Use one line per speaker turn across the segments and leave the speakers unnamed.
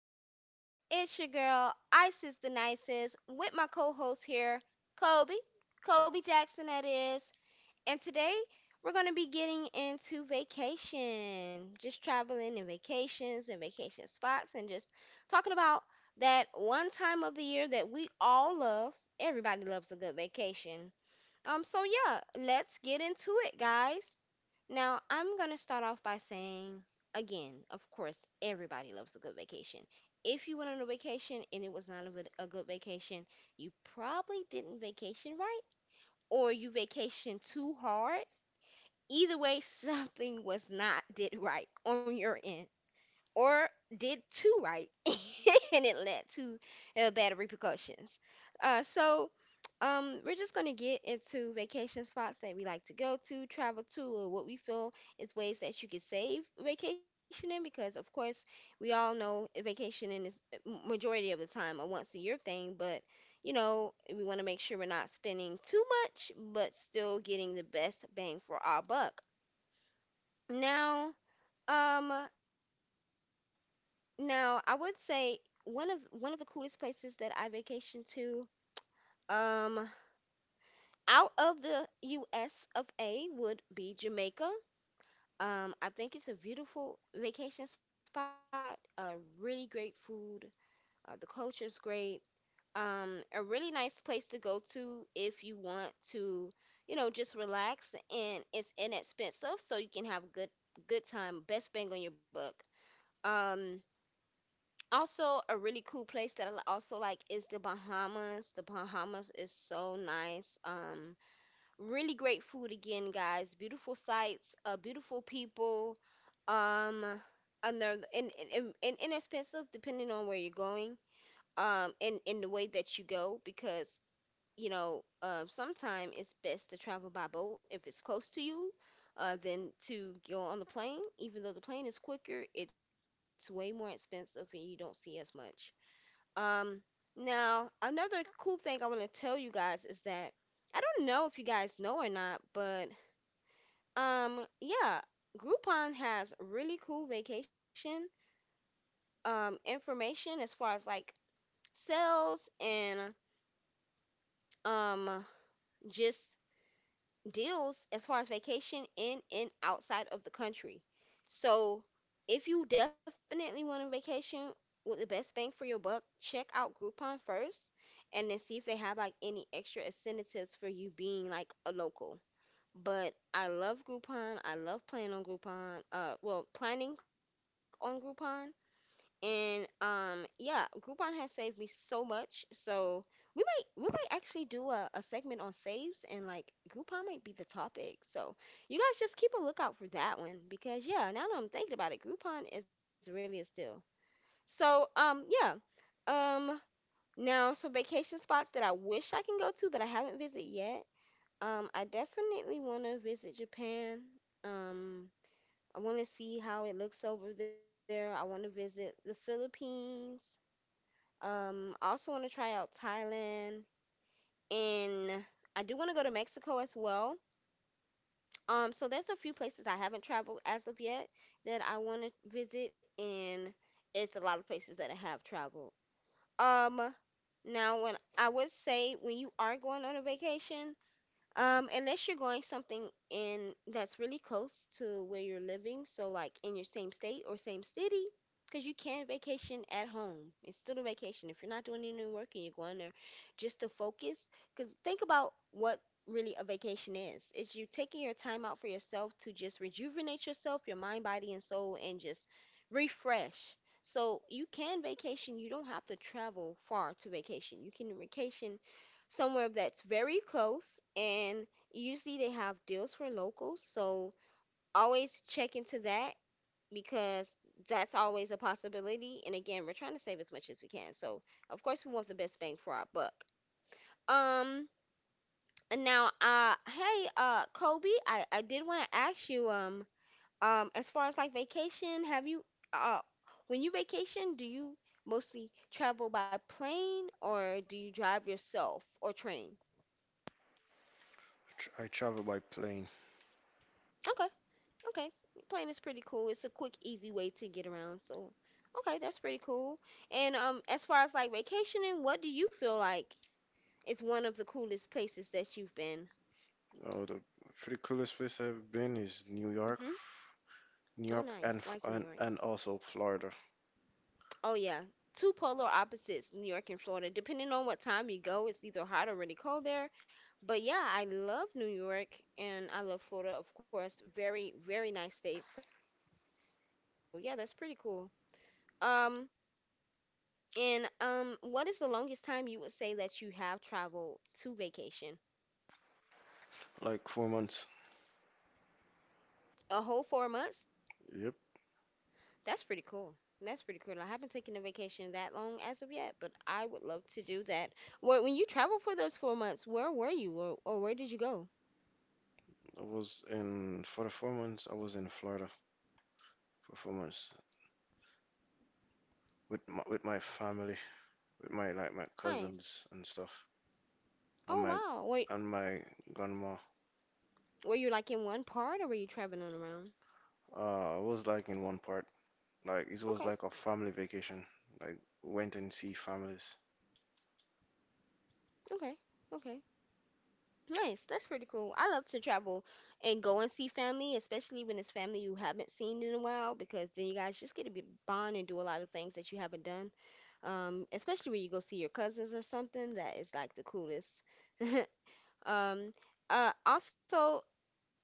again. It's your girl, Isis the Nicest, with my co host here, Kobe. Kobe Jackson, that is. And today, we're going to be getting into vacation, just traveling and vacations and vacation spots, and just talking about that one time of the year that we all love. Everybody loves a good vacation. So yeah, let's get into it, guys. Now, I'm going to start off by saying, again, of course, everybody loves a good vacation. If you went on a vacation and it was not a good vacation, you probably didn't vacation right or you vacationed too hard. Either way, something was not did right on your end or did too right, and it led to bad repercussions. Uh, so, we're just gonna get into vacation spots that we like to go to, travel to, or what we feel is ways that you could save vacationing. Because of course, we all know vacationing is majority of the time a once a year thing, but you know we want to make sure we're not spending too much, but still getting the best bang for our buck. Now, um, now, I would say one of the coolest places that I vacationed to um out of the US of A would be Jamaica. I think it's a beautiful vacation spot, really great food, the culture's great. A really nice place to go to if you want to, you know, just relax, and it's inexpensive so you can have a good time, best bang on your buck. Um Also, a really cool place that also like is the Bahamas. The Bahamas is so nice. Really great food again, guys. Beautiful sights, beautiful people. Um, and they're and inexpensive depending on where you're going. And in the way that you go because you know, sometimes it's best to travel by boat if it's close to you, than to go on the plane. Even though the plane is quicker, it's way more expensive and you don't see as much. Um, Now, another cool thing I want to tell you guys is that I don't know if you guys know or not, but yeah, Groupon has really cool vacation information as far as like sales and um just deals as far as vacation in and outside of the country. So if you definitely want a vacation with the best bang for your buck, check out Groupon first and then see if they have like any extra incentives for you being like a local. But I love Groupon. I love planning on Groupon. Well, planning on Groupon. And yeah, Groupon has saved me so much. So we might actually do a segment on saves, and like Groupon might be the topic. So you guys just keep a lookout for that one because yeah, now that I'm thinking about it, Groupon is really a steal. So yeah. Um Now some vacation spots that I wish I can go to but I haven't visited yet. I definitely want to visit Japan. Um I want to see how it looks over there. I want to visit the Philippines. I also want to try out Thailand, and I do want to go to Mexico as well. So there's a few places I haven't traveled as of yet that I want to visit, and it's a lot of places that I have traveled. Um, now when I would say when you are going on a vacation, unless you're going something in that's really close to where you're living, so like in your same state or same city, because you can vacation at home. It's still a vacation if you're not doing any work and you're going there just to focus. Because think about what really a vacation is. It's you taking your time out for yourself to just rejuvenate yourself, your mind, body, and soul, and just refresh. So you can vacation. You don't have to travel far to vacation. You can vacation somewhere that's very close, and usually they have deals for locals, so always check into that because that's always a possibility, and again we're trying to save as much as we can, so of course we want the best bang for our buck. Um and now uh hey, Kobe, I did want to ask you as far as like vacation, have you uh when you vacation do you mostly travel by plane or do you drive yourself or train?
I travel by plane.
Okay. Okay, plane is pretty cool. It's a quick, easy way to get around. So, okay, that's pretty cool. And as far as like vacationing, what do you feel like is one of the coolest places that you've been?
Oh, the pretty coolest place I've been is New York,
Hmm.
New
Oh,
York,
nice.
and F-
Like New
and,
York.
and also Florida.
Oh yeah, two polar opposites, New York and Florida. Depending on what time you go, it's either hot or really cold there. But yeah, I love New York and I love Florida, of course. Very, very nice states. So yeah, that's pretty cool. Um, And what is the longest time you would say that you have traveled to vacation?
Like 4 months.
A whole 4 months?
Yep,
That's pretty cool. That's pretty cool. I haven't taken a vacation that long as of yet, but I would love to do that. Well, when you traveled for those 4 months, where were you, or where did you go?
I was in for the four months. I was in Florida for 4 months with my family, with my like my
Nice.
cousins and stuff, and
Oh
my
wow. Wait,
and my grandma.
were you like in one part or were you traveling around?
I was like in one part. Like it was
Okay,
like a family vacation. Like went and see families.
okay, okay. Nice. That's pretty cool. I love to travel and go and see family, especially when it's family you haven't seen in a while, because then you guys just get to be bond and do a lot of things that you haven't done. Especially when you go see your cousins or something, that is like the coolest. Um, also,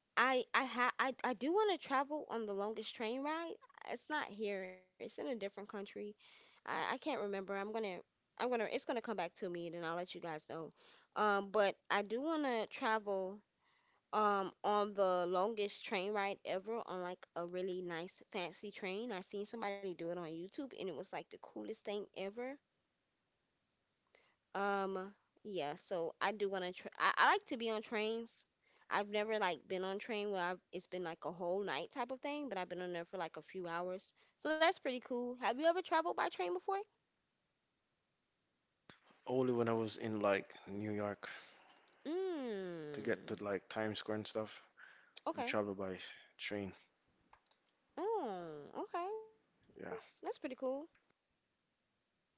I do want to travel on the longest train ride. It's not here. It's in a different country. I can't remember. I'm gonna It's gonna come back to me and then I'll let you guys know. But I do want to travel on the longest train ride ever on like a really nice fancy train. I seen somebody do it on YouTube and it was like the coolest thing ever. Um, yeah, so I do want to tr I like to be on trains. I've never like been on train where I've, it's been like a whole night type of thing, but I've been on there for like a few hours. So that's pretty cool. Have you ever traveled by train before?
Only when I was in like New York to get to
Mm.
like Times Square and stuff. We
Okay.
travel by train.
Mm, okay. That's pretty
Yeah.
cool. Hmm.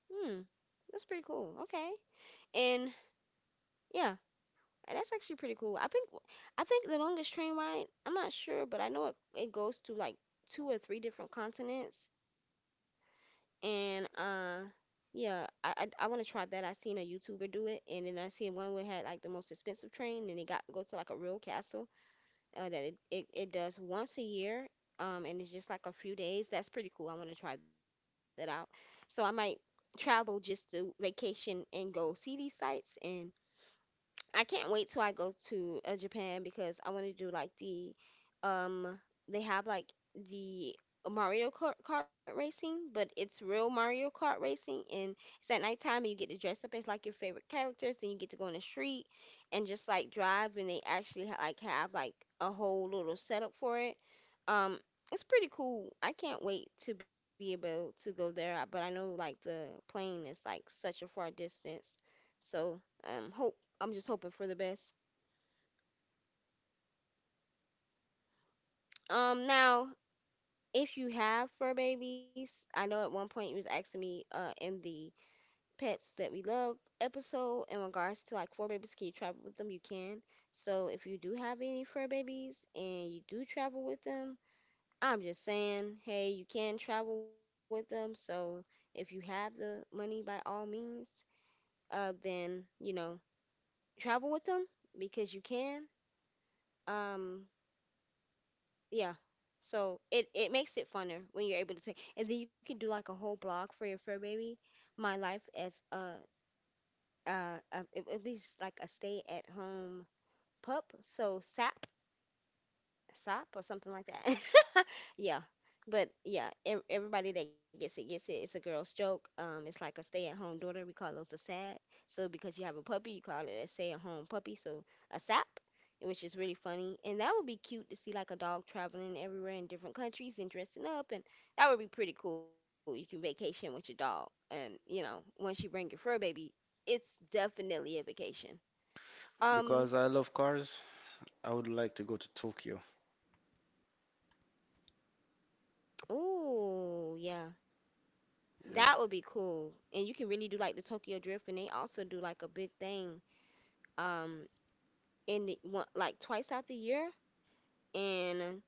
That's pretty cool. Okay. And yeah, and that's actually pretty cool. I think the longest train ride, I'm not sure, but I know it goes to like two or three different continents. And yeah, I want to try that. I seen a YouTuber do it, and then I seen one where it had like the most expensive train, and it got go to like a real castle that it does once a year, and it's just like a few days. That's pretty cool. I want to try that out. So I might travel just to vacation and go see these sites, and I can't wait till I go to Japan because I want to do like the um they have like the Mario Kart, Kart racing, but it's real Mario Kart racing and it's at nighttime and you get to dress up as like your favorite characters and you get to go on the street and just like drive, and they actually like have like a whole little setup for it. Um it's pretty cool. I can't wait to be able to go there, but I know like the plane is like such a far distance. So, hope I'm just hoping for the best. Now if you have fur babies, I know at one point you was asking me in the pets that we love episode in regards to like fur babies, can you travel with them? You can. So if you do have any fur babies and you do travel with them, I'm just saying, hey, you can travel with them. So if you have the money, by all means, then, you know, travel with them because you can. Um Yeah. So it makes it funner when you're able to take, and then you can do like a whole blog for your fur baby. My life as a at least like a stay at home pup. So SAP SOP or something like that. Yeah. But yeah, everybody that gets it gets it. It's a girl's joke. It's like a stay-at-home daughter. We call those a SAD. So because you have a puppy, you call it a stay-at-home puppy. So a SAP, which is really funny. And that would be cute to see like a dog traveling everywhere in different countries and dressing up. And that would be pretty cool. You can vacation with your dog. And once you bring your fur baby, it's definitely a vacation. Um,
Because I love cars, I would like to go to Tokyo.
oh yeah.
Yeah.
That would be cool. And you can really do like the Tokyo Drift, and they also do like a big thing um in the, one, like twice out the year, and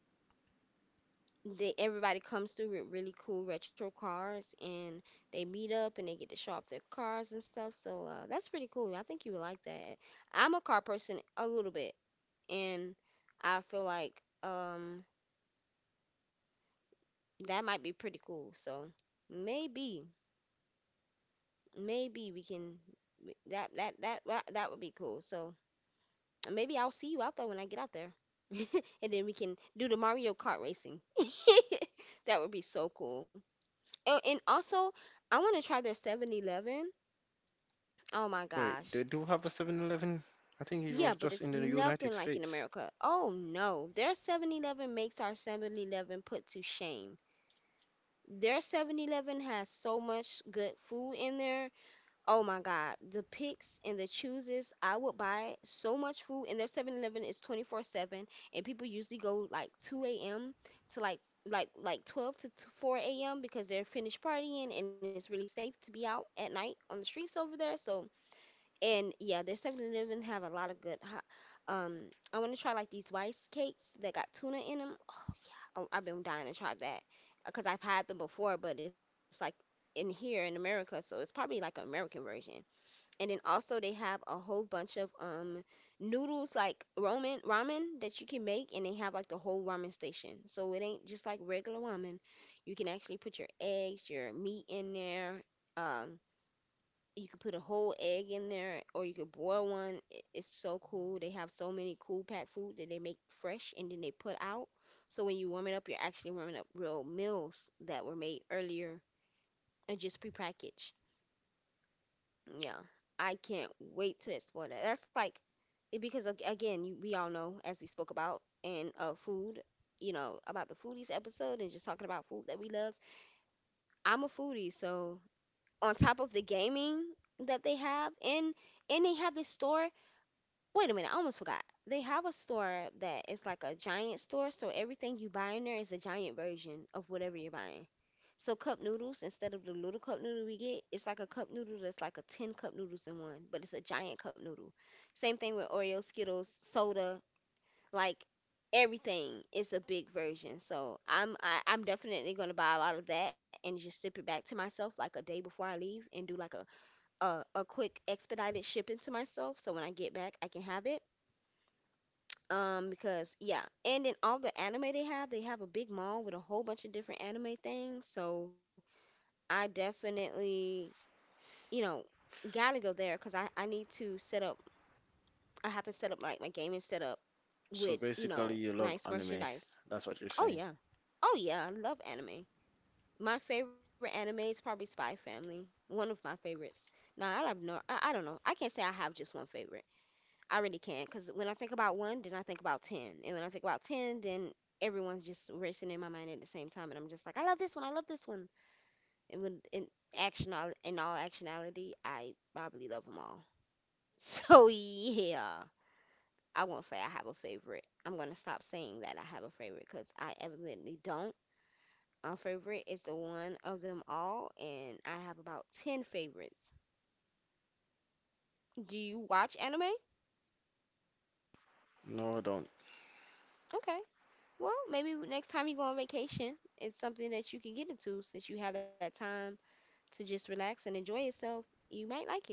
they, everybody comes through with really cool retro cars, and they meet up and they get to show off their cars and stuff. So that's pretty cool. I think you would like that. I'm a car person a little bit, and I feel like that might be pretty cool. So maybe maybe we can that that that that, that would be cool. So maybe I'll see you out there when I get out there. And then we can do the Mario Kart racing. That would be so cool. Oh, and also, I want to try their 7-Eleven. Oh my
Wait,
gosh.
they do have a 7-Eleven. I think it
Yeah,
was
but
just
it's
in the United
nothing like in
States.
America. Oh no. Their 7-Eleven makes our 7-Eleven put to shame. Their 7-Eleven has so much good food in there. Oh my God, the picks and the chooses, I would buy so much food, and their 7-Eleven is 24/7, and people usually go like 2 a.m. to like 12 to 4 a.m. because they're finished partying and it's really safe to be out at night on the streets over there. So, and yeah, their 7-Eleven have a lot of good hot, um I want to try like these rice cakes that got tuna in them. Oh, I've been dying to try that because I've had them before, but it's like in here in America, so it's probably like an American version. And then also they have a whole bunch of noodles like ramen that you can make, and they have like the whole ramen station, so it ain't just like regular ramen. You can actually put your eggs, your meat in there. um you could put a whole egg in there, or you could boil one. It's so cool. They have so many cool packed food that they make fresh and then they put out, so when you warm it up you're actually warming up real meals that were made earlier and just prepackaged. Yeah, I can't wait to explore that. That's like, because again, you, we all know, as we spoke about in food, about the foodies episode and just talking about food that we love. I'm a foodie, so on top of the gaming that they have, and they have this store. Wait a minute, I almost forgot. They have a store that is like a giant store, so everything you buy in there is a giant version of whatever you're buying. So cup noodles, instead of the little cup noodle we get, it's like a cup noodle that's like a 10 cup noodles in one, but it's a giant cup noodle. Same thing with Oreo, Skittles, soda, like everything is a big version. So I'm definitely gonna buy a lot of that and just ship it back to myself like a day before I leave and do like a quick expedited shipping to myself so when I get back I can have it. Because yeah, and in all the anime they have a big mall with a whole bunch of different anime things. So I definitely, you know, gotta go there because I need to set up. I have to set up like my gaming setup
So
with
basically, you love
nice
anime.
merchandise.
That's what you're
Oh
saying.
yeah, oh yeah, I love anime. My favorite anime is probably Spy Family, one of my favorites. Now I have no, I don't know. I can't say I have just one favorite. I really can't, because when I think about one, then I think about 10. And when I think about 10, then everyone's just racing in my mind at the same time. And I'm just like, I love this one. I love this one. And action, in all actionality, I probably love them all. So, yeah, I won't say I have a favorite. I'm going to stop saying that I have a favorite, because I evidently don't. A favorite is the one of them all, and I have about 10 favorites. Do you watch anime?
No, I don't.
Okay. Well, maybe next time you go on vacation, it's something that you can get into, since you have that time to just relax and enjoy yourself. You might like it.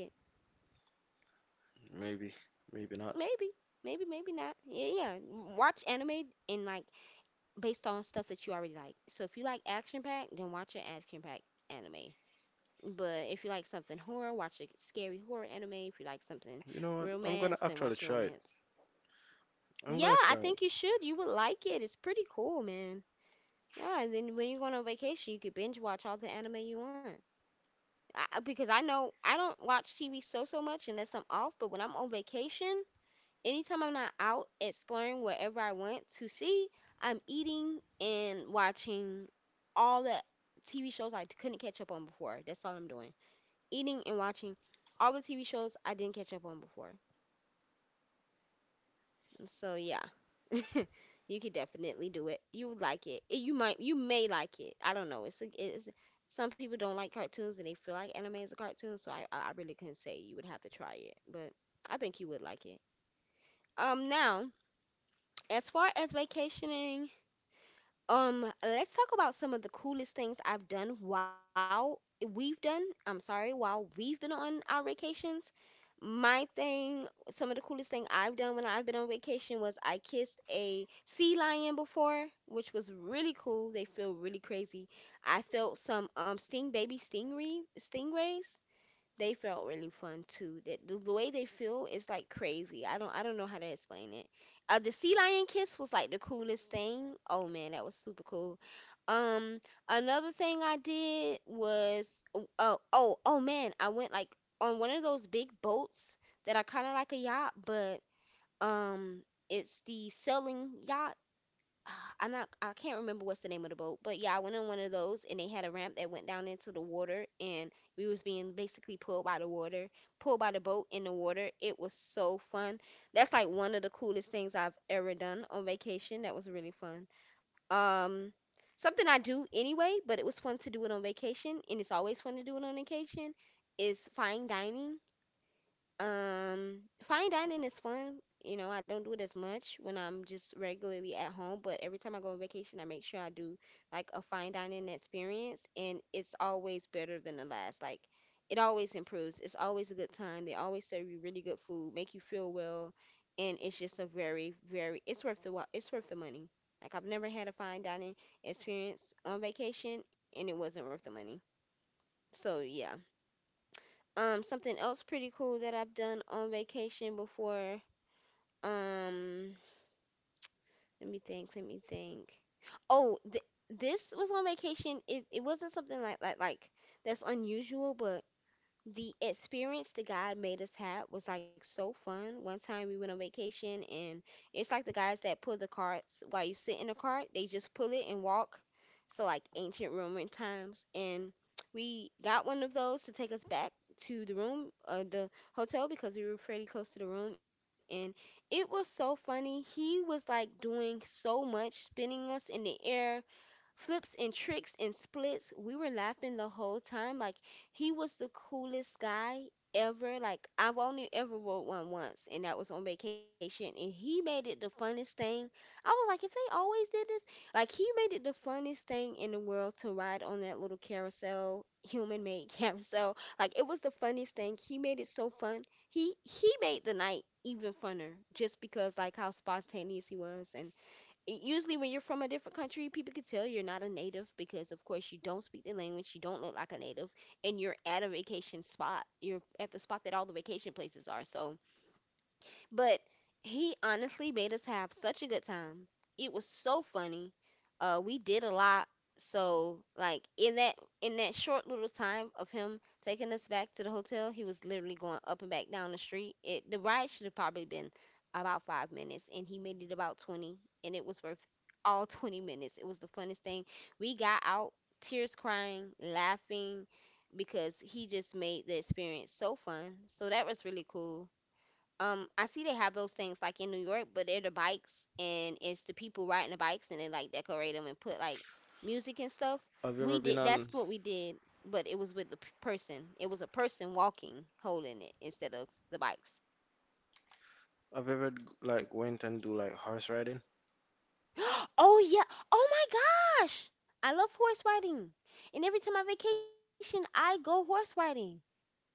Maybe. Maybe not.
Maybe. Maybe, maybe not. Yeah, yeah. Watch anime, and like based on stuff that you already like. So if you like action packed, then watch an action packed anime. But if you like something horror, watch a scary horror anime. If you like something
You know what? I'm gonna
romance, then
actually
watch a
try it.
romance.
I'm
Yeah,
gonna
I
try it.
think you should. You would like it. It's pretty cool, man. Yeah, and then when you go on a vacation, you could binge watch all the anime you want. Because I know I don't watch TV so much unless I'm off, but when I'm on vacation, anytime I'm not out exploring wherever I want to see, I'm eating and watching all the TV shows I couldn't catch up on before. That's all I'm doing. Eating and watching all the TV shows I didn't catch up on before. So yeah. You could definitely do it. You would like it. You may like it. I don't know. It's, some people don't like cartoons and they feel like anime is a cartoon, so I really couldn't say. You would have to try it, but I think you would like it. Now, as far as vacationing, let's talk about some of the coolest things I've done while we've done, I'm sorry, while we've been on our vacations. My thing, some of the coolest thing I've done when I've been on vacation was I kissed a sea lion before, which was really cool. They feel really crazy. I felt some sting baby stingrays. They felt really fun too. The way they feel is like crazy. I don't know how to explain it. The sea lion kiss was like the coolest thing. Oh man, that was super cool. Um, Another thing I did was, oh, man, I went like on one of those big boats that are kind of like a yacht, but um, it's the sailing yacht. Ah, I can't remember what's the name of the boat, but yeah, I went on one of those and they had a ramp that went down into the water, and we was being basically pulled by the water, pulled by the boat in the water. It was so fun. That's like one of the coolest things I've ever done on vacation. That was really fun. Um Something I do anyway, but it was fun to do it on vacation, and it's always fun to do it on vacation, is fine dining. Fine dining is fun. You know, I don't do it as much when I'm just regularly at home, but every time I go on vacation, I make sure I do like a fine dining experience, and it's always better than the last. Like, it always improves. It's always a good time. They always serve you really good food, make you feel well, and it's just a very, very, it's worth the it's worth the money. Like, I've never had a fine dining experience on vacation, and it wasn't worth the money. So, yeah. Something else pretty cool that I've done on vacation before. Um, Let me think, let me think. Oh, th this was on vacation. It wasn't something like that's unusual, but the experience the guy made us have was like so fun. One time we went on vacation, and it's like the guys that pull the carts while you sit in the cart, they just pull it and walk. So like ancient Roman times, and we got one of those to take us back to the room, the hotel, because we were pretty close to the room, and it was so funny. He was like doing so much, spinning us in the air, flips and tricks and splits. We were laughing the whole time. Like he was the coolest guy ever. Like I've only ever rode one once, and that was on vacation. And he made it the funnest thing. I was like, if they always did this, like he made it the funnest thing in the world to ride on that little carousel, human-made carousel. Like it was the funniest thing. He made it so fun. He made the night even funner just because like how spontaneous he was. And usually when you're from a different country, people can tell you're not a native because, of course, you don't speak the language, you don't look like a native, and you're at a vacation spot. You're at the spot that all the vacation places are. So but he honestly made us have such a good time. It was so funny. We did a lot. So like in that short little time of him taking us back to the hotel, he was literally going up and back down the street. It the ride should have probably been about 5 minutes, and he made it about 20, and it was worth all 20 minutes. It was the funnest thing. We got out, tears crying, laughing, because he just made the experience so fun. So that was really cool. I see they have those things like in New York, but they're the bikes and it's the people riding the bikes and they like decorate them and put like music and stuff.
Have you
We
ever been
did, that's
on,
what we did, but it was with the person. It was a person walking holding it instead of the bikes.
have you ever like went and do like horse riding?
Oh yeah. Oh my gosh. I love horse riding. And every time I vacation, I go horse riding.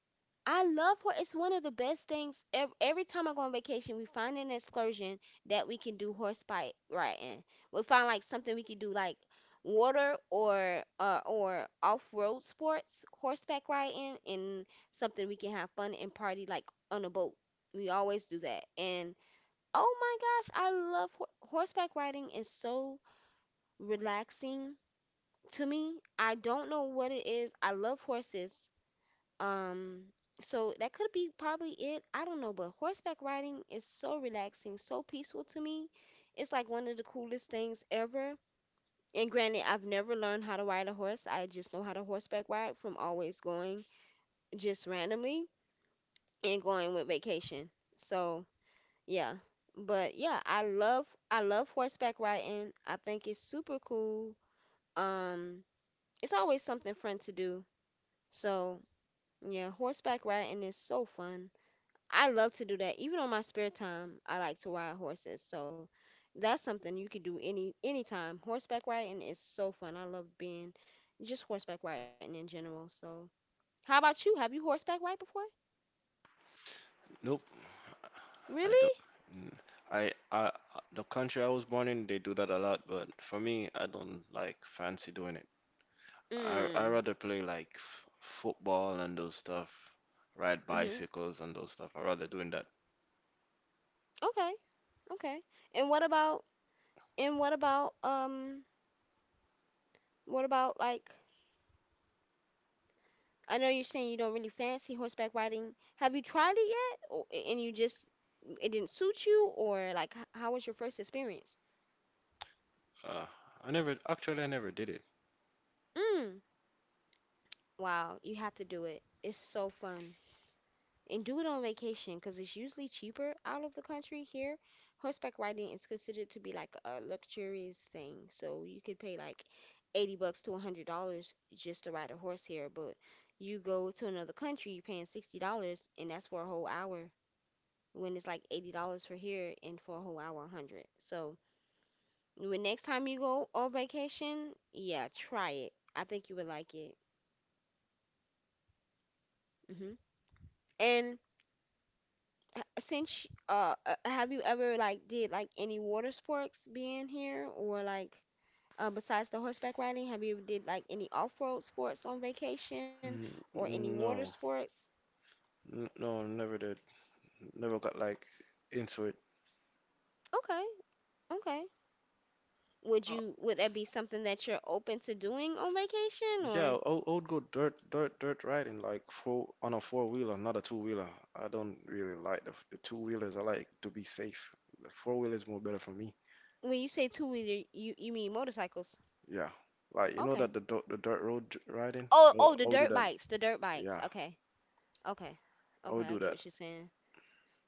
I love Hawaii. It's one of the best things. Every time I go on vacation, we find an excursion that we can do horseback riding. We find like something we can do like water, or off-road sports, horseback riding, and something we can have fun and party like on a boat. We always do that. And oh my gosh, I love horseback riding. Is so relaxing to me. I don't know what it is. I love horses, um, so that could be probably it. I don't know, but horseback riding is so relaxing, so peaceful to me. It's like one of the coolest things ever. And granted, I've never learned how to ride a horse. I just know how to horseback ride from always going just randomly and going with vacation. So, yeah. But yeah, I love horseback riding. I think it's super cool. Um, it's always something fun to do. So, yeah, horseback riding is so fun. I love to do that. Even on my spare time, I like to ride horses. So that's something you could do anytime. Horseback riding is so fun. I love being just horseback riding in general. So how about you? Have you horseback ride before?
Nope. I
Really?
don't. mm, I the country I was born in, they do that a lot, but for me, I don't like fancy doing it. I
Mm.
rather play like f football and those stuff, ride
Mhm.
bicycles and those stuff. I rather doing that.
Okay. Okay. And what about and what about what about like I know you're saying you don't really fancy horseback riding. Have you tried it yet? Or, and you just it didn't suit you or like how was your first experience?
Uh, I never actually, I never did it.
Wow, you have to do it. It's so fun. And do it on vacation because it's usually cheaper out of the country. Here, horseback riding is considered to be like a luxurious thing. So you could pay like 80 bucks to $100 just to ride a horse here. But you go to another country, you're paying $60, and that's for a whole hour, when it's like $80 for here, and for a whole hour 100. So when next time you go on vacation, yeah, try it. I think you would like it. Hmm. And have you ever like did like any water sports being here or like besides the horseback riding, have you did like any off-road sports on vacation or any
N
water
no,
sports?
N no, never did. Never got like into it.
Okay. Okay. Would that be something that you're open to doing on vacation? Or
Yeah, I would go dirt riding like four wheeler, not a two wheeler. I don't really like the two wheelers. I like to be safe. The four wheeler is more better for me.
when you say two-wheeler, you mean motorcycles?
Yeah, like you know
Okay.
that the dirt road riding.
oh oh the
I would do
dirt
that.
bikes, the dirt bikes.
Yeah,
Okay. Okay.
I
Okay,
would
I
do
get
that.
what you're saying.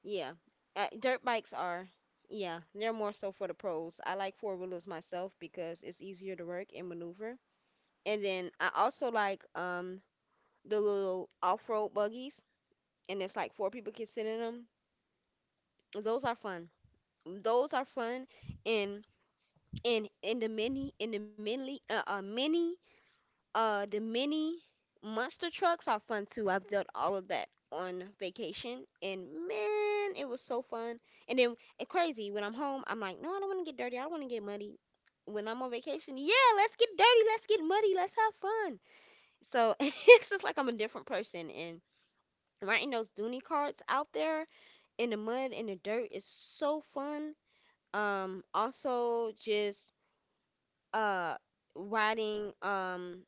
Yeah. Dirt bikes are, yeah, they're more so for the pros. I like four wheelers myself because it's easier to work and maneuver. And then I also like the little off-road buggies, and it's like four people can sit in them. Those are fun. Those are fun, and and the mini the mini monster trucks are fun too. I've done all of that on vacation, and man, it was so fun. And then and crazy when I'm home, I'm like, no, I don't want to get dirty. I don't want to get muddy. When I'm on vacation, yeah, let's get dirty, let's get muddy, let's have fun. So it's just like I'm a different person. And riding those Dooney carts out there in the mud and the dirt is so fun. Also just uh riding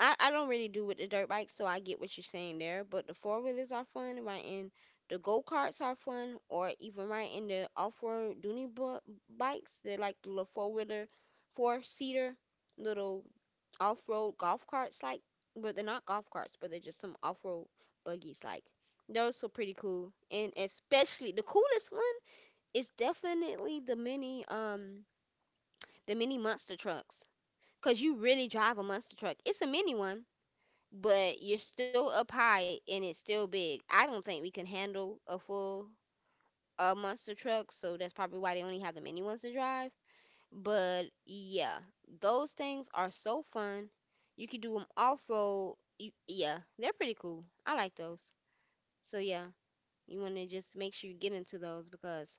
I don't really do with the dirt bike, so I get what you're saying there. But the four wheelers are fun, riding the go karts are fun, or even riding the off road bikes. They're like the little four wheeler, four seater, little off road golf carts, like, but they're not golf carts, but they're just some off road buggies. Like, those are pretty cool. And especially the coolest one is definitely the mini monster trucks. Cause you really drive a monster truck. It's a mini one, but you're still up high and it's still big. I don't think we can handle a full monster truck, so that's probably why they only have the mini ones to drive. But yeah, those things are so fun. You can do them off road. Yeah, they're pretty cool. I like those. So yeah, you want to just make sure you get into those because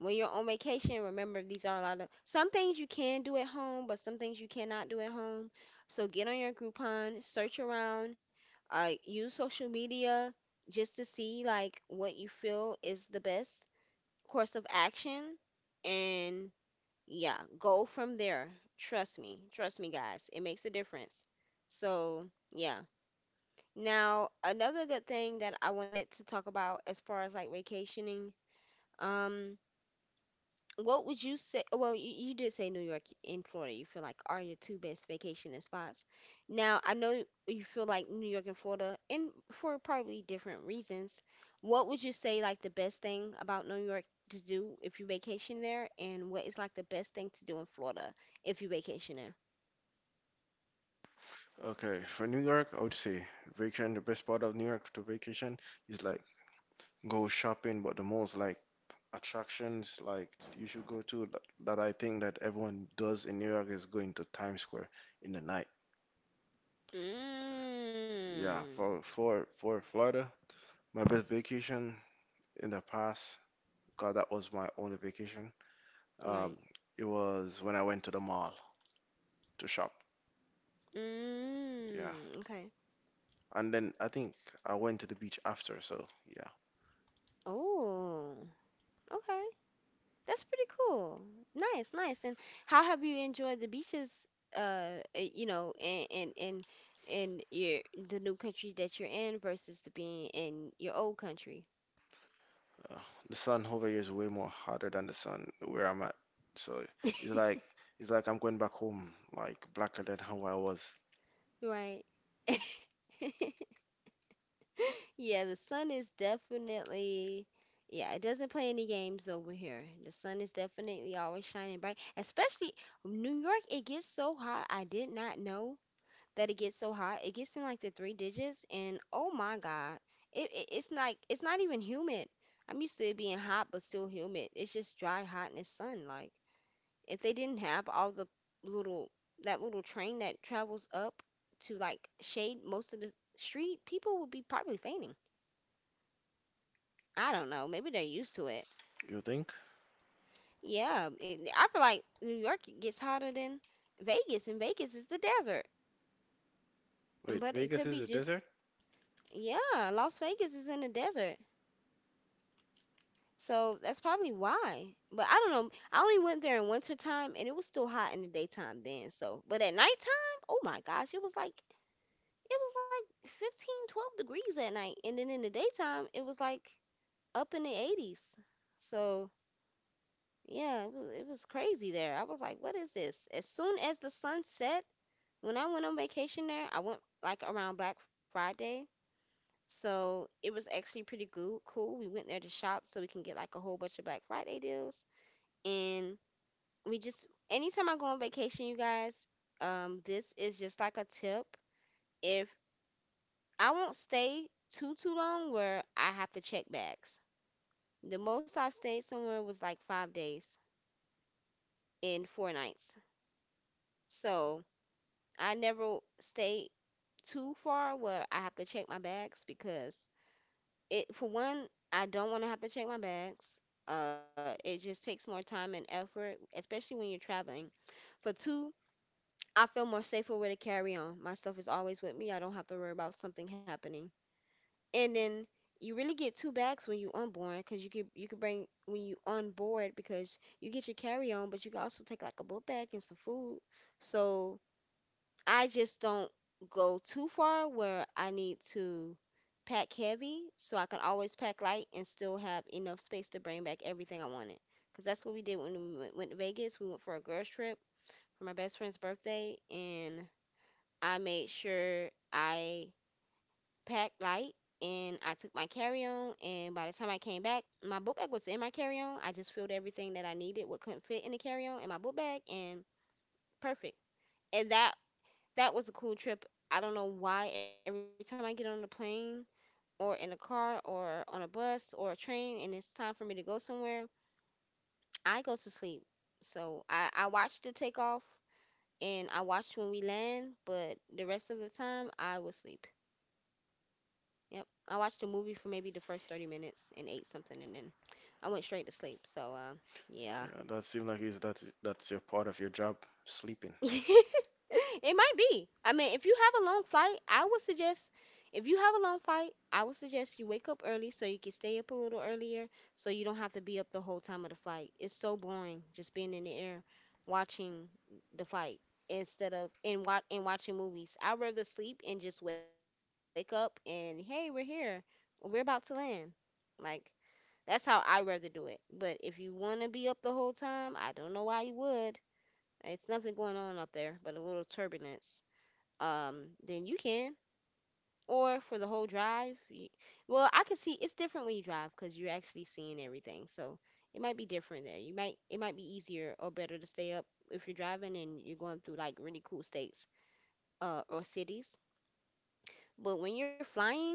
when you're on vacation, remember these are a lot of some things you can do at home, but some things you cannot do at home. So get on your Groupon, search around, use social media just to see like what you feel is the best course of action, and yeah, go from there. Trust me, guys, it makes a difference. So yeah. Now, another good thing that I wanted to talk about as far as like vacationing, um. What would you say? Well, you did say New York and Florida. You feel like are your two best vacation spots. Now, I know you feel like New York and Florida, and for probably different reasons. What would you say like the best thing about New York to do if you vacation there, and what is like the best thing to do in Florida if you vacation there?
Okay, for New York, I would say vacation. The best part of New York to vacation is like go shopping, but the most like attractions like you should go to that, that I think that everyone does in New York is going to Times Square in the night. Yeah,
Mm.
for Florida, my best vacation in the past, God, that was my only vacation.
Right.
Um, it was when I went to the mall to shop. Yeah,
Mm, okay.
and then I think I went to the beach after. So yeah,
Oh, okay. That's pretty cool. Nice, nice. And how have you enjoyed the beaches, you know, in your the new country that you're in versus the being in your old country?
uh, the sun over here is way more hotter than the sun where I'm at. So it's like it's like I'm going back home, like blacker than how I was.
Right. Yeah, the sun is definitely, yeah, it doesn't play any games over here. The sun is definitely always shining bright, especially New York. It gets so hot. I did not know that it gets so hot. It gets in like the three digits, and oh my God, it's like it's not even humid. I'm used to it being hot but still humid. It's just dry, hot in the sun. Like if they didn't have all the little that little train that travels up to like shade most of the street, people would be probably fainting. I don't know. Maybe they're used to it.
You think?
Yeah, I feel like New York gets hotter than Vegas, and Vegas is the desert.
Wait,
But it
Vegas
could be
is a
just
desert?
yeah, Las Vegas is in the desert. So that's probably why. But I don't know. I only went there in winter time and it was still hot in the daytime then. So, but at nighttime, oh my gosh, it was like 15, 12 degrees at night. And then in the daytime, it was like up in the 80s. So, yeah, it was crazy there. I was like, what is this? As soon as the sun set, when I went on vacation there, I went like around Black Friday. So, it was actually pretty cool. We went there to shop so we can get like a whole bunch of Black Friday deals. And we just anytime I go on vacation, you guys, this is just like a tip. If I won't stay too long where I have to check bags. The most I've stayed somewhere was like 5 days and 4 nights. So I never stay too far where I have to check my bags because it, for one, I don't want to have to check my bags. It just takes more time and effort, especially when you're traveling. For two, I feel more safer with a carry on. My stuff is always with me. I don't have to worry about something happening. And then you really get two bags when you onboard because you could bring when you on board because you get your carry on, but you can also take like a book bag and some food. So I just don't go too far where I need to pack heavy, so I can always pack light and still have enough space to bring back everything I wanted. Because that's what we did when we went to Vegas. We went for a girls trip for my best friend's birthday, and I made sure I packed light and I took my carry on. And by the time I came back, my book bag was in my carry on. I just filled everything that I needed, what couldn't fit in the carry on, in my book bag, and perfect. And that was a cool trip. I don't know why every time I get on the plane or in a car or on a bus or a train and it's time for me to go somewhere, I go to sleep. So I watched the takeoff and I watched when we land, but the rest of the time I was sleeping. Yep. I watched a movie for maybe the first 30 minutes and ate something, and then I went straight to sleep. So yeah.
Yeah, that seems like is that's your part of your job, sleeping.
It might be. I mean, if you have a long flight, I would suggest if you have a long flight, I would suggest you wake up early so you can stay up a little earlier so you don't have to be up the whole time of the flight. It's so boring just being in the air watching the flight instead of and watching movies. I'd rather sleep and just wake up and hey, we're here. We're about to land. Like, that's how I rather do it. But if you want to be up the whole time, I don't know why you would. It's nothing going on up there but a little turbulence. Then you can. Or for the whole drive, you, well, I can see it's different when you drive because you're actually seeing everything. So it might be different there. You might it might be easier or better to stay up if you're driving and you're going through like really cool states or cities. But when you're flying,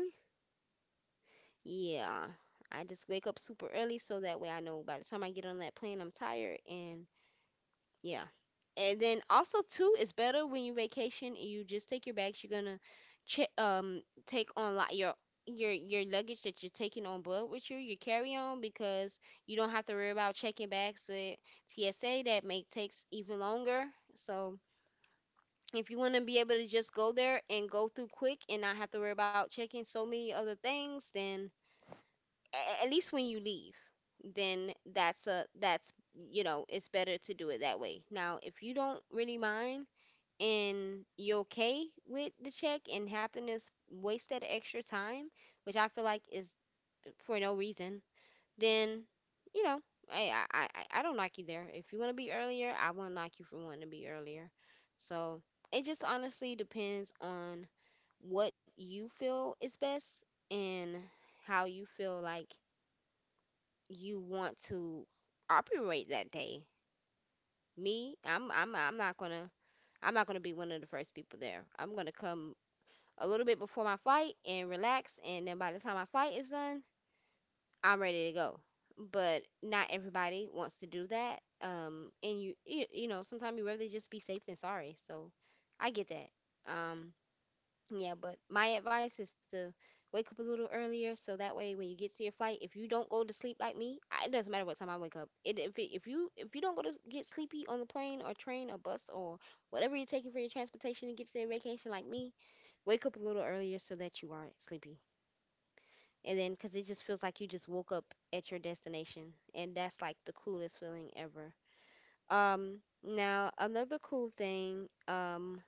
yeah, I just wake up super early so that way I know by the time I get on that plane I'm tired, and yeah. And then also too, it's better when you vacation and you just take your bags. You're gonna check take on like your luggage that you're taking on board with you, your carry on, because you don't have to worry about checking bags with TSA. That may takes even longer. So if you want to be able to just go there and go through quick and not have to worry about checking so many other things, then at least when you leave, then that's a that's you know it's better to do it that way. Now, if you don't really mind and you're okay with the check and having to waste that extra time, which I feel like is for no reason, then you know I don't like you there. If you want to be earlier, I wouldn't like you for wanting to be earlier. So it just honestly depends on what you feel is best and how you feel like you want to operate that day. Me, I'm not gonna I'm not gonna be one of the first people there. I'm gonna come a little bit before my flight and relax, and then by the time my flight is done, I'm ready to go. But not everybody wants to do that. And you you, you know sometimes you rather just be safe than sorry. So I get that. Um, yeah, but my advice is to wake up a little earlier so that way when you get to your flight, if you don't go to sleep like me, it doesn't matter what time I wake up. It, if you don't go to get sleepy on the plane or train or bus or whatever you're taking for your transportation and get to your vacation like me, wake up a little earlier so that you aren't sleepy. And then cuz it just feels like you just woke up at your destination, and that's like the coolest feeling ever. Um now another cool thing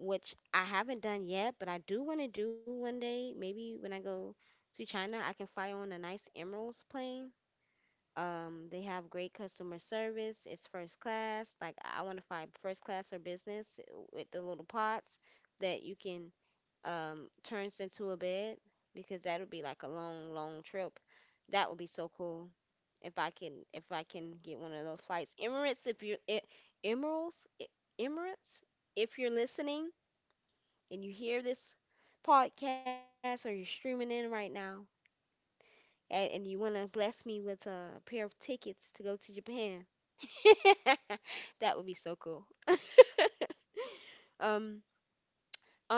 which I haven't done yet, but I do want to do one day. Maybe when I go to China, I can fly on a nice Emeralds plane. They have great customer service. It's first class. Like, I want to fly first class or business with the little pots that you can turns into a bed, because that would be like a long, long trip. That would be so cool if I can get one of those flights. Emirates, if you're Emeralds, Emirates, if you're listening and you hear this podcast or you're streaming in right now, and you want to bless me with a pair of tickets to go to Japan, that would be so cool. Um,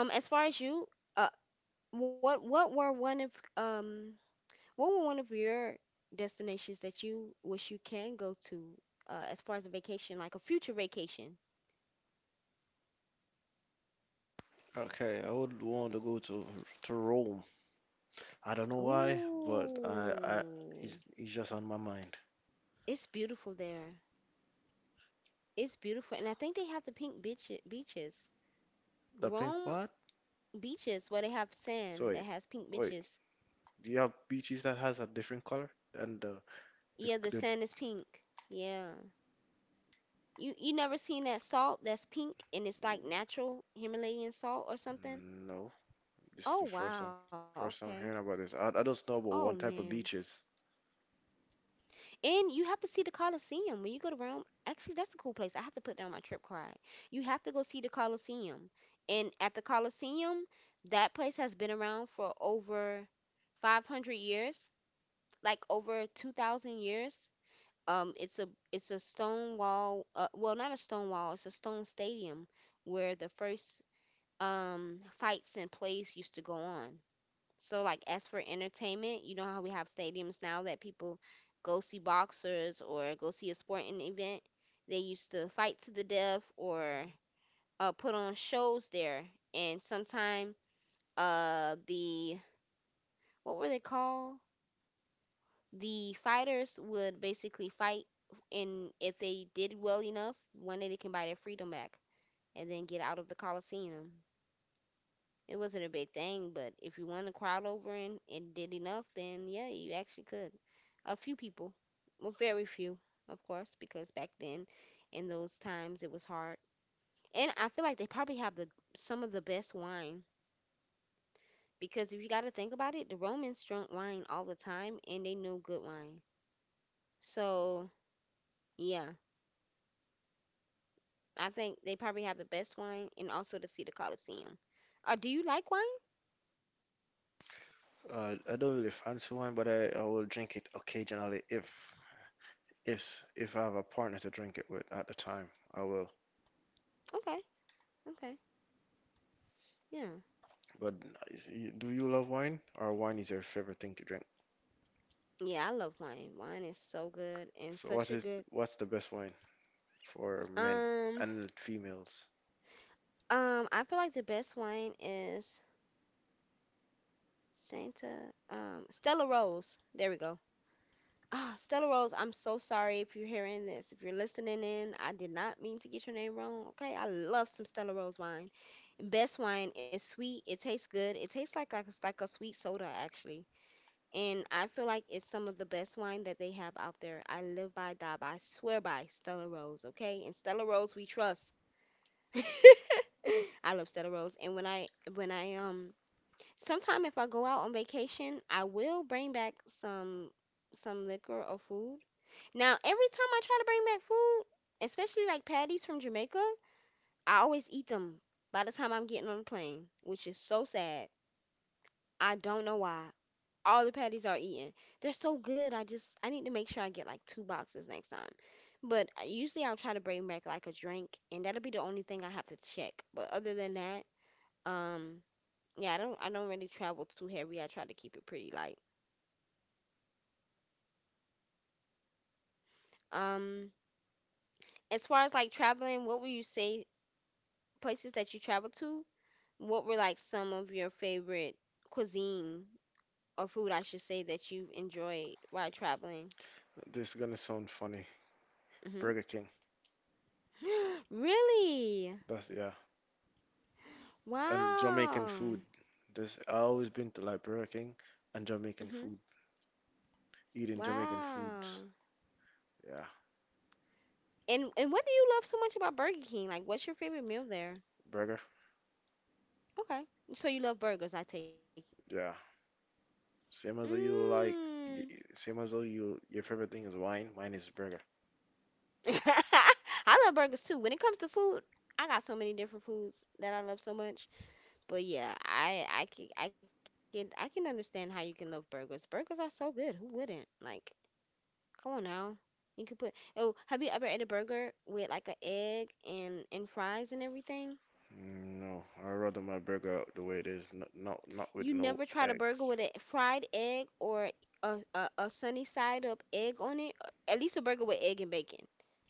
as far as you, uh, what were one of what were one of your destinations that you wish you can go to, as far as a vacation, like a future vacation?
Okay, I would want to go to Rome. I don't know why, but I,
Oh,
it's just on my mind.
it's beautiful there. It's beautiful, and I think they have the pink beaches.
The pink
Rome
what?
beaches where they have
So
sand that
wait,
has pink
wait.
beaches.
Do you have beaches that has a different color? And the the,
Yeah, the
the
sand is pink. Yeah. You never seen that salt that's pink and it's like natural Himalayan salt or something?
no, this is
Oh
the
wow, okay.
first time hearing about this. I
Oh
don't know about one
man.
type of beaches.
And you have to see the Colosseum when you go to Rome. Actually, that's a cool place. I have to put that on my trip card. You have to go see the Colosseum. And at the Colosseum, that place has been around for over 500 years, like over 2,000 years. It's a stone wall. Well, not a stone wall. It's a stone stadium where the first fights and plays used to go on. So like as for entertainment, you know how we have stadiums now that people go see boxers or go see a sporting event. They used to fight to the death or put on shows there. And sometime the what were they called? The fighters would basically fight, and if they did well enough, one day they can buy their freedom back and then get out of the coliseum. It wasn't a big thing, but if you won the crowd over and did enough, then yeah, you actually could. A few people, well, very few, of course, because back then, in those times, it was hard. And I feel like they probably have the some of the best wine, because if you got to think about it, the romans drank wine all the time, and they knew good wine. So yeah, I think they probably have the best wine, and also to see the Coliseum. Do you like wine?
I don't really fancy wine, but I will drink it occasionally if if I have a partner to drink it with at the time. I will.
Okay. Okay. Yeah.
But is, do you love wine, or wine is your favorite thing to drink?
Yeah, I love wine. Wine is so good and
So
such a
what is
good.
what's the best wine for men
Um,
and females?
I feel like the best wine is Santa, Stella Rose. There we go. Ah, Stella Rose, I'm so sorry if you're hearing this. If you're listening in, I did not mean to get your name wrong. Okay, I love some Stella Rose wine. Best wine is sweet. It tastes good. It tastes like it's like a sweet soda actually. And I feel like it's some of the best wine that they have out there. I live by, die by, swear by Stella Rose, okay? And Stella Rose we trust. I love Stella Rose. And when I sometime if I go out on vacation, I will bring back some liquor or food. Now, every time I try to bring back food, especially like patties from Jamaica, I always eat them by the time I'm getting on the plane, which is so sad. I don't know why all the patties are eaten. They're so good. I need to make sure I get like two boxes next time. But usually I'll try to bring back like a drink, and that'll be the only thing I have to check. But other than that, um, yeah, I don't really travel too heavy. I try to keep it pretty light. Um, as far as like traveling, what would you say places that you travel to? What were like some of your favorite cuisine or food, I should say, that you enjoyed while traveling?
This is gonna sound funny.
Hmm.
Burger King.
Really?
That's yeah. And Jamaican food.
Wow.
This I always been to like Burger King and Jamaican
Hmm.
food. Eating Jamaican foods.
Wow.
Yeah.
And what do you love so much about Burger King? Like, what's your favorite meal there?
Burger.
Okay. So you love burgers, I take
Yeah.
it.
Same as you like.
Mm.
Same as though you your favorite thing is wine. Mine is burger.
I love burgers too. When it comes to food, I got so many different foods that I love so much. But yeah, I can understand how you can love burgers. Burgers are so good. Who wouldn't? Like, come on now. You could put, oh, have you ever ate a burger with like an egg and fries and everything?
Mm, no, I rather my burger out the way it is. Not with
You
no
never tried a burger
eggs.
with a fried egg or a sunny side up egg on it? At least a burger with egg and bacon.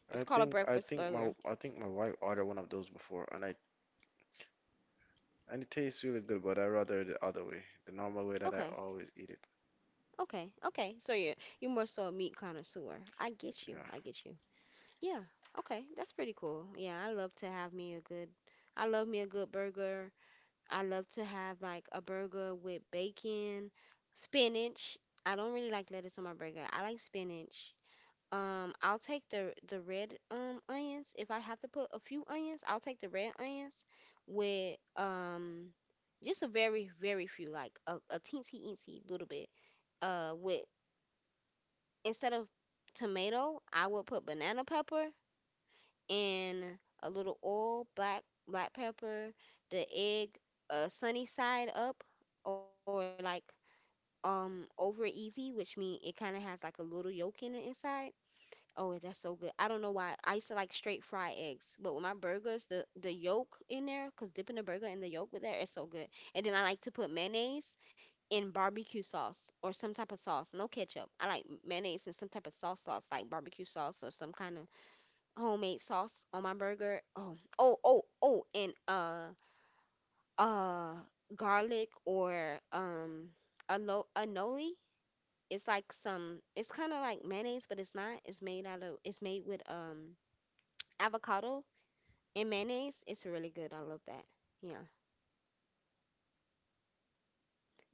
It's
I
called a
think I
breakfast
think my
burger.
I think my wife ordered one of those before, and I and it tastes really good, but I rather the other way, the normal way that I
Okay,
always eat it.
okay, okay. So you're more so a meat connoisseur. I get you.
Yeah.
I get you. Yeah. Okay, that's pretty cool. Yeah, I love to have me a good. I love me a good burger. I love to have like a burger with bacon, spinach. I don't really like lettuce on my burger. I like spinach. I'll take the the red onions. If I have to put a few onions, I'll take the red onions with just a very very few, like a teensy eensy little bit. With instead of tomato, I will put banana pepper and a little oil, black black pepper, the egg, sunny side up or like over easy, which means it kind of has like a little yolk in it inside. Oh, that's so good. I don't know why. I used to like straight fried eggs, but with my burgers, the yolk in there, 'cause dipping the burger in the yolk with there is so good. And then I like to put mayonnaise in barbecue sauce or some type of sauce, no ketchup. I like mayonnaise and some type of sauce sauce, like barbecue sauce or some kind of homemade sauce on my burger. Oh, oh, oh, oh, and uh garlic or a a noli. It's like some. It's kind of like mayonnaise, but it's not. It's made out of. It's made with avocado and mayonnaise. It's really good. I love that. Yeah.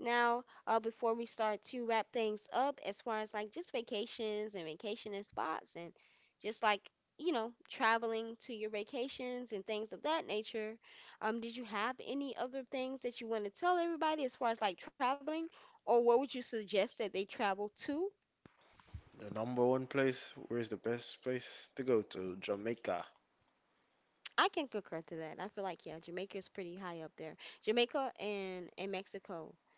Now, before we start to wrap things up, as far as like just vacations and vacationing spots and just like you know traveling to your vacations and things of that nature, did you have any other things that you want to tell everybody as far as like traveling, or what would you suggest that they travel to?
The number one place, where's the best place to go to? Jamaica.
I can concur to that. I feel like yeah, Jamaica's pretty high up there. Jamaica and Mexico,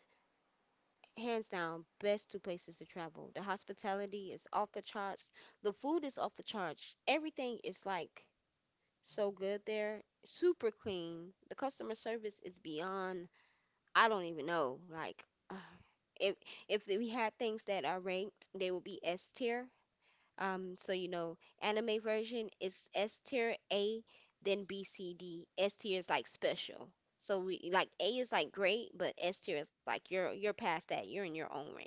hands down, best two places to travel. The hospitality is off the charts. The food is off the charts. Everything is like so good there. Super clean. The customer service is beyond. I don't even know. Like, if if we had things that are ranked, they would be S tier. So you know, anime version is S tier A, then B, C, D. S tier is like special. So we like A is like great, but S tier is like you're past that. You're in your own rank.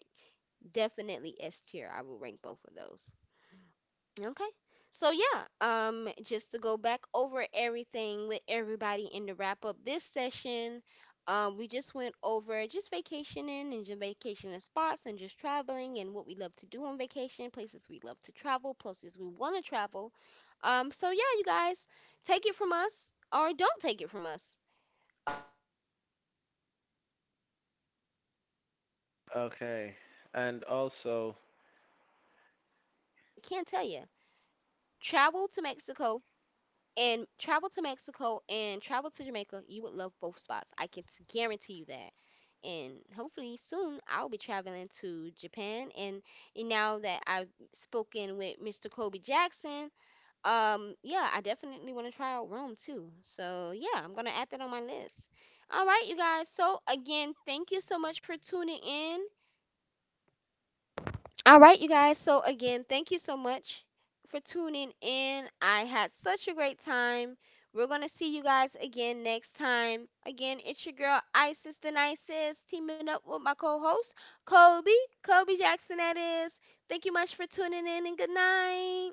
Definitely S tier. I will rank both of those. Okay. So yeah, just to go back over everything with everybody in the wrap up this session, we just went over just vacationing and just vacationing spots and just traveling and what we love to do on vacation, places we love to travel, places we want to travel. So yeah, you guys, take it from us or don't take it from us. Um you know, maybe you have better spots out there. But
Okay.
one thing I
And
can tell you,
also,
travel to Mexico and travel to Mexico and travel to Jamaica, you would love both spots. I can guarantee you that. And hopefully soon I'll be traveling to Japan. And now that I've spoken with Mr. Kobe Jackson, yeah, I definitely want to try out Rome too. So yeah, I'm gonna add that on my list. All right, you guys. So again, thank you so much for tuning in. All right, you guys. So, again, thank you so much for tuning in. I had such a great time. We're going to see you guys again next time. Again, it's your girl, Isis the Nicest, teaming up with my co host, Kobe. Kobe Jackson, that is. Thank you much for tuning in and good night.